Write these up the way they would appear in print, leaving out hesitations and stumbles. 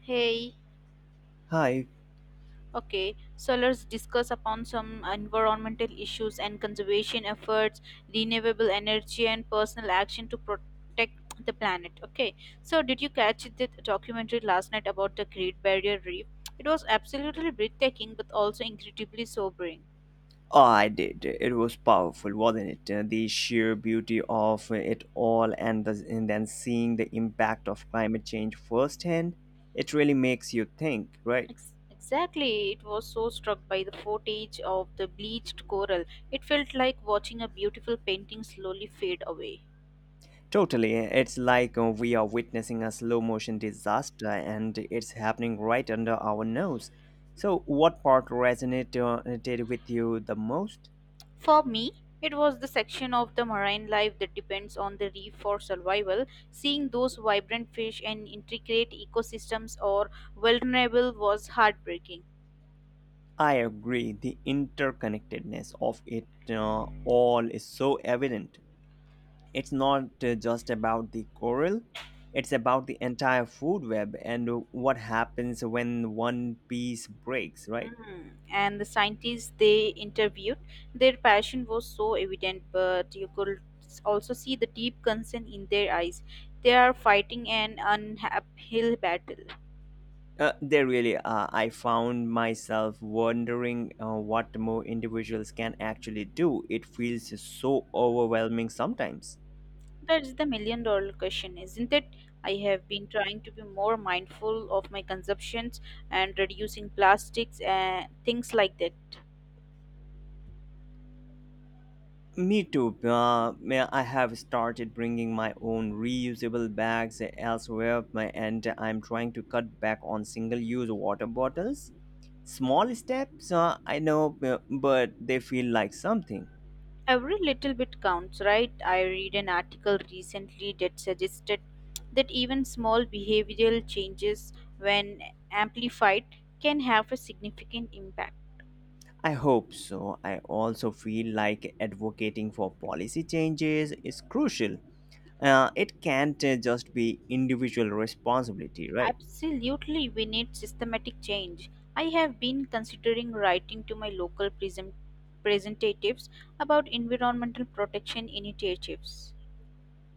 Hey, Hi. okay, so let's discuss upon some environmental issues and conservation efforts, renewable energy, and personal action to protect the planet. Okay, so did you catch the documentary last night about the Great Barrier Reef? It was absolutely breathtaking but also incredibly sobering. Oh, I did. It was powerful, wasn't it? The sheer beauty of it all, and then seeing the impact of climate change firsthand, it really makes you think, right? Exactly, it was so struck by the footage of the bleached coral. It felt like watching a beautiful painting slowly fade away. Totally. It's like we are witnessing a slow motion disaster, and it's happening right under our nose. So, what part resonated with you the most? For me, it was the section of the marine life that depends on the reef for survival. Seeing those vibrant fish and intricate ecosystems or vulnerable was heartbreaking. I agree. The interconnectedness of it all is so evident. It's not just about the coral, it's about the entire food web and what happens when one piece breaks, right? Mm. And the scientists they interviewed, their passion was so evident, but you could also see the deep concern in their eyes. They are fighting an uphill battle. They really are. I found myself wondering what more individuals can actually do. It feels so overwhelming sometimes. That's the million dollar question, isn't it? I have been trying to be more mindful of my consumptions and reducing plastics and things like that. Me too. I have started bringing my own reusable bags elsewhere, and I'm trying to cut back on single use water bottles. Small steps, I know, but they feel like something. Every little bit counts, right? I read an article recently that suggested that even small behavioral changes, when amplified, can have a significant impact. I hope so. I also feel like advocating for policy changes is crucial. It can't just be individual responsibility, right? Absolutely, we need systematic change. I have been considering writing to my local present representatives about environmental protection initiatives.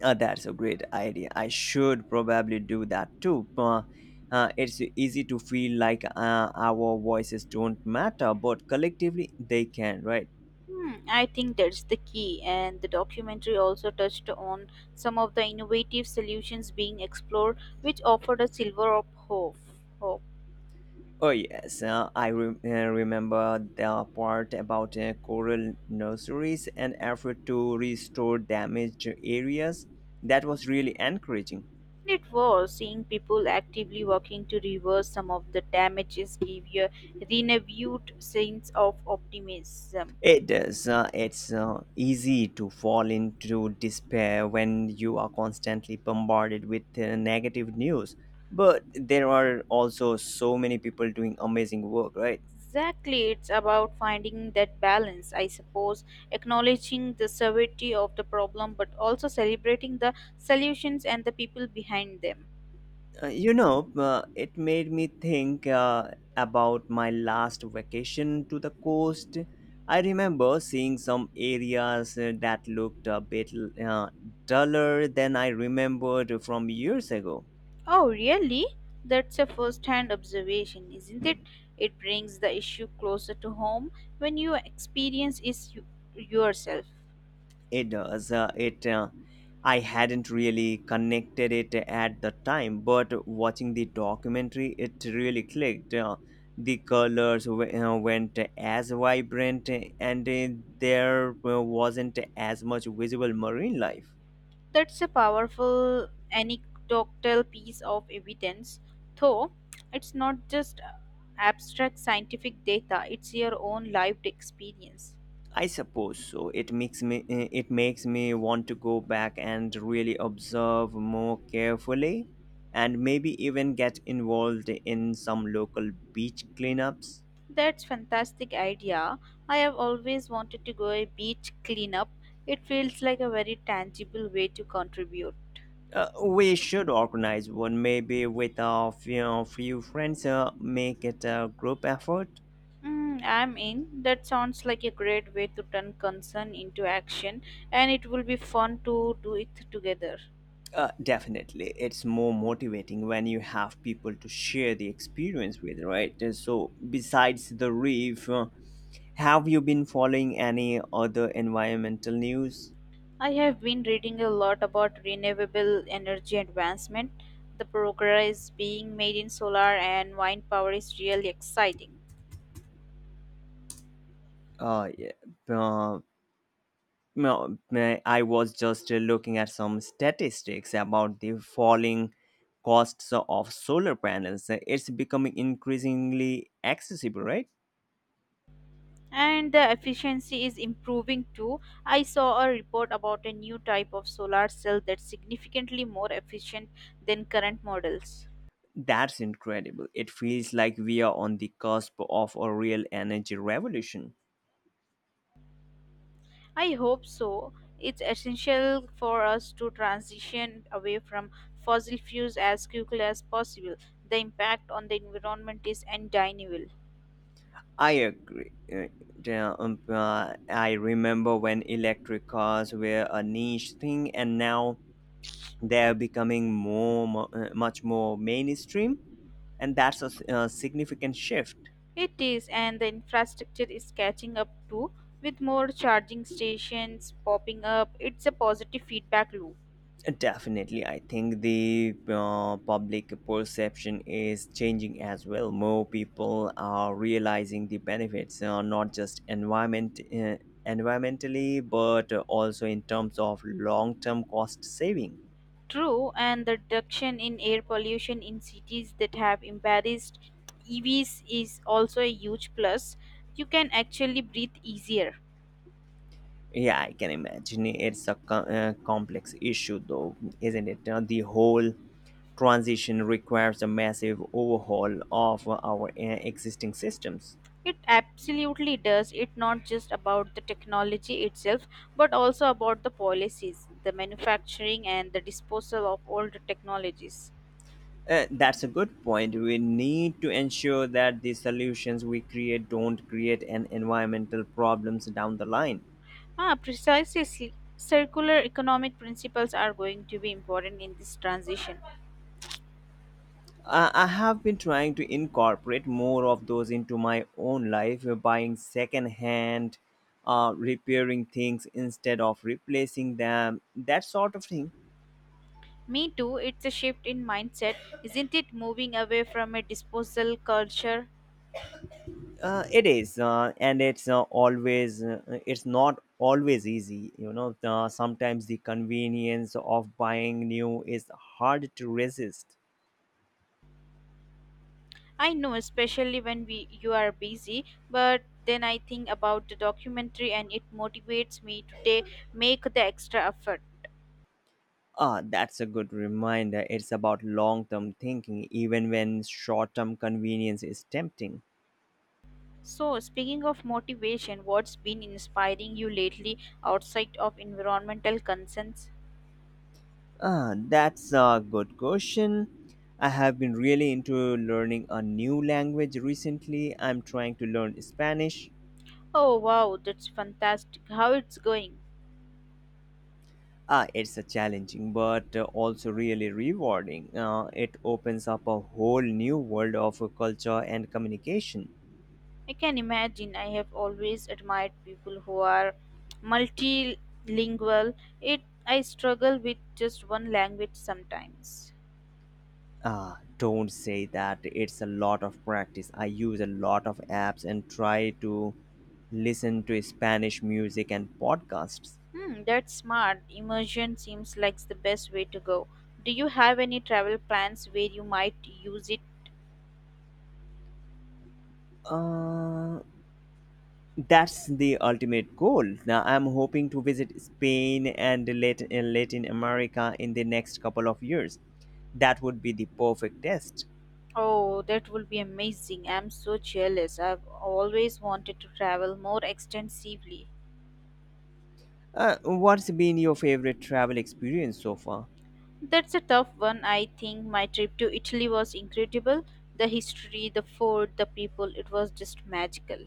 That's a great idea. I should probably do that too. It's easy to feel like our voices don't matter, but collectively they can, right? Hmm, I think that's the key, and the documentary also touched on some of the innovative solutions being explored, which offered a silver of hope. Oh, yes. I remember the part about coral nurseries and effort to restore damaged areas. That was really encouraging. It was seeing people actively working to reverse some of the damages gave you a renewed sense of optimism. It does. It's easy to fall into despair when you are constantly bombarded with negative news. But there are also so many people doing amazing work, right? Exactly, it's about finding that balance, I suppose, acknowledging the severity of the problem but also celebrating the solutions and the people behind them. You know, it made me think about my last vacation to the coast. I remember seeing some areas that looked a bit uh, duller than I remembered from years ago. Oh, really? That's a first hand observation, isn't it? It brings the issue closer to home when you experience yourself. It does. It. I hadn't really connected it at the time, but watching the documentary, it really clicked. The colors went as vibrant, and there wasn't as much visible marine life. That's a powerful anecdotal piece of evidence, though it's not just abstract scientific data, it's your own lived experience. I suppose so. It makes me want to go back and really observe more carefully, and maybe even get involved in some local beach cleanups. That's fantastic idea. I have always wanted to go a beach cleanup. It feels like a very tangible way to contribute. We should organize one, maybe with a few friends. Make it a group effort. Mm, I'm in. That sounds like a great way to turn concern into action, and it will be fun to do it together. Definitely, it's more motivating when you have people to share the experience with, right? So besides the reef, have you been following any other environmental news? I have been reading a lot about renewable energy advancement. The progress being made in solar and wind power is really exciting. Yeah, uh, no, I was just looking at some statistics about the falling costs of solar panels. It's becoming increasingly accessible, right? And the efficiency is improving too. I saw a report about a new type of solar cell that's significantly more efficient than current models. That's incredible. It feels like we are on the cusp of a real energy revolution. I hope so. It's essential for us to transition away from fossil fuels as quickly as possible. The impact on the environment is undeniable. I agree. I remember when electric cars were a niche thing, and now they're becoming much more mainstream, and that's a significant shift. It is, and the infrastructure is catching up too, with more charging stations popping up. It's a positive feedback loop. Definitely, I think the public perception is changing as well. More people are realizing the benefits, not just environmentally, but also in terms of long-term cost saving. True, and the reduction in air pollution in cities that have embraced EVs is also a huge plus. You can actually breathe easier. Yeah, I can imagine it's a complex issue, though, isn't it? The whole transition requires a massive overhaul of our existing systems. It absolutely does. It's not just about the technology itself, but also about the policies, the manufacturing, and the disposal of old technologies. That's a good point. We need to ensure that the solutions we create don't create an environmental problems down the line. Ah, precisely. Circular economic principles are going to be important in this transition. I have been trying to incorporate more of those into my own life, buying secondhand, repairing things instead of replacing them, that sort of thing. Me too, it's a shift in mindset, isn't it? Moving away from a disposal culture. It is, and it's not always easy. Sometimes the convenience of buying new is hard to resist. I know, especially when we you are busy, but then I think about the documentary and it motivates me to ta- make the extra effort. Ah, that's a good reminder. It's about long term thinking, even when short term convenience is tempting. So, speaking of motivation, what's been inspiring you lately outside of environmental concerns? Ah, that's a good question. I have been really into learning a new language recently. I'm trying to learn Spanish. Oh wow, that's fantastic. How it's going? Ah, it's a challenging but also really rewarding. It opens up a whole new world of culture and communication. I can imagine. I have always admired people who are multilingual. It I struggle with just one language sometimes. Ah, don't say that. It's a lot of practice. I use a lot of apps and try to listen to Spanish music and podcasts. Hmm, that's smart. Immersion seems like the best way to go. Do you have any travel plans where you might use it? Uh, that's the ultimate goal. Now I'm hoping to visit Spain and Latin America in the next couple of years. That would be the perfect test. Oh, that would be amazing. I'm so jealous. I've always wanted to travel more extensively. What's been your favorite travel experience so far? That's a tough one. I think my trip to Italy was incredible. The history, the food, the people, it was just magical.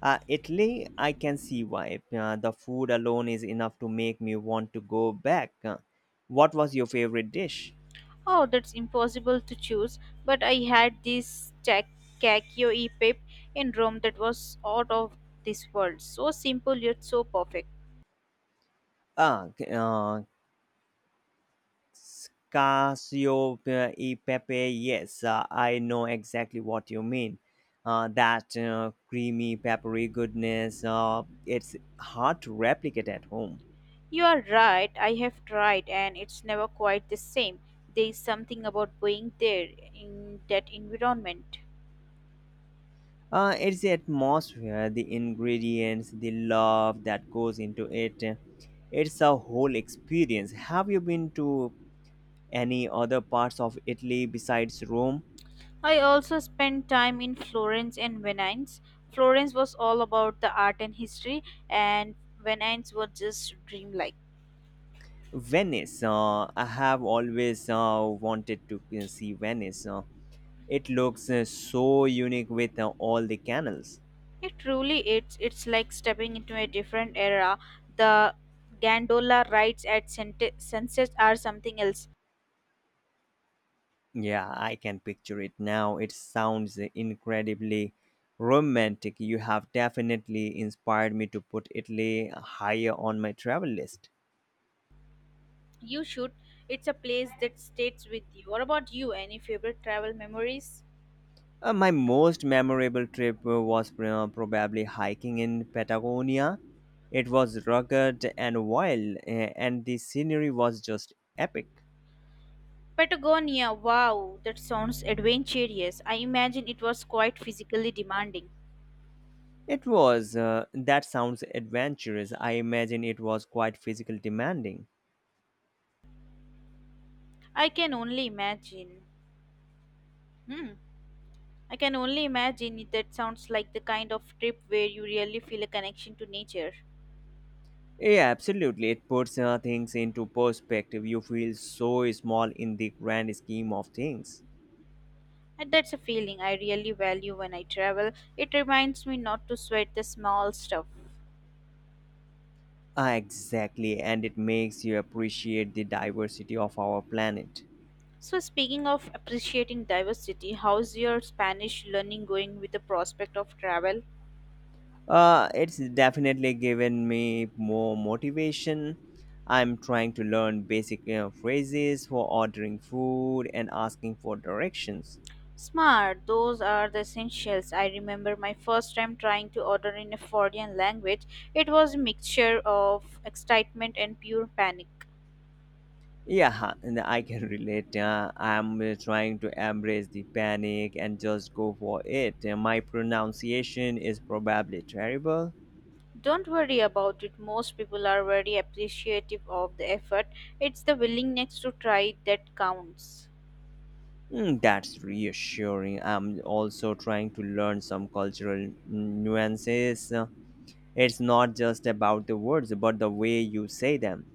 Italy, I can see why. The food alone is enough to make me want to go back. What was your favorite dish? Oh, that's impossible to choose, but I had this cacio e pepe in Rome that was out of this world. So simple yet so perfect. Ah, c- uh, Casio e pepe. Yes, I know exactly what you mean. That creamy, peppery goodness. It's hard to replicate at home. You are right, I have tried and it's never quite the same. There is something about being there in that environment. It's the atmosphere, the ingredients, the love that goes into it. It's a whole experience. Have you been to any other parts of Italy besides Rome. I also spent time in Florence and Venice. Florence was all about the art and history, and Venice was just dreamlike. Venice, I have always wanted to see Venice. It looks so unique with all the canals. It truly is. It's like stepping into a different era. The gondola rides at sunsets are something else. Yeah, I can picture it now. It sounds incredibly romantic. You have definitely inspired me to put Italy higher on my travel list. You should. It's a place that stays with you. What about you? Any favorite travel memories? My most memorable trip was probably hiking in Patagonia. It was rugged and wild, and the scenery was just epic. Patagonia. Wow, that sounds adventurous. I imagine it was quite physically demanding. It was. That sounds adventurous. I imagine it was quite physically demanding. I can only imagine. Hmm. I can only that sounds like the kind of trip where you really feel a connection to nature. Yeah, absolutely. It puts things into perspective. You feel so small in the grand scheme of things. And that's a feeling I really value when I travel. It reminds me not to sweat the small stuff. Ah, exactly, and it makes you appreciate the diversity of our planet. So, speaking of appreciating diversity, how's your Spanish learning going with the prospect of travel? It's definitely given me more motivation. I'm trying to learn basic phrases for ordering food and asking for directions. Smart, those are the essentials. I remember my first time trying to order in a foreign language. It was a mixture of excitement and pure panic. Yeah, and I can relate. I'm trying to embrace the panic and just go for it. My pronunciation is probably terrible. Don't worry about it. Most people are very appreciative of the effort. It's the willingness to try that counts. Mm, that's reassuring. I'm also trying to learn some cultural nuances. It's not just about the words, but the way you say them.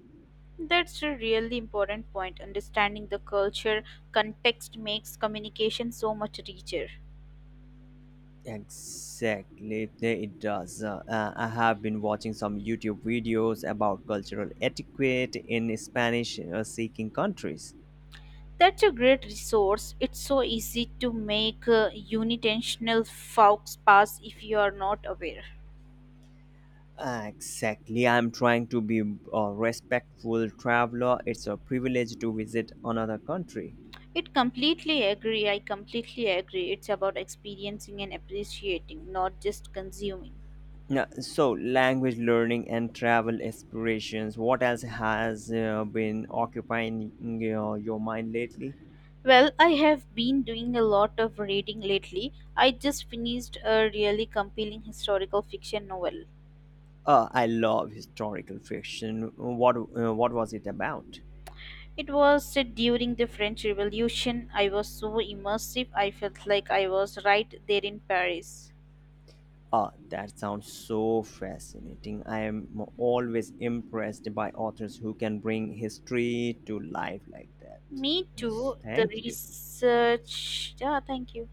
That's a really important point. Understanding the culture context makes communication so much richer. Exactly, it does. I have been watching some YouTube videos about cultural etiquette in Spanish-speaking countries. That's a great resource. It's so easy to make unintentional faux pass if you are not aware. Exactly, I'm trying to be a respectful traveler. It's a privilege to visit another country. It completely agree. I completely agree. It's about experiencing and appreciating, not just consuming. Yeah, so language learning and travel aspirations. What else has been occupying your mind lately? Well, I have been doing a lot of reading lately. I just finished a really compelling historical fiction novel. I love historical fiction. What was it about? It was set during the French Revolution. I was so immersive, I felt like I was right there in Paris. Ah, that sounds so fascinating. I am always impressed by authors who can bring history to life like that. Me too. Yes, The thank you. research. Yeah, thank you.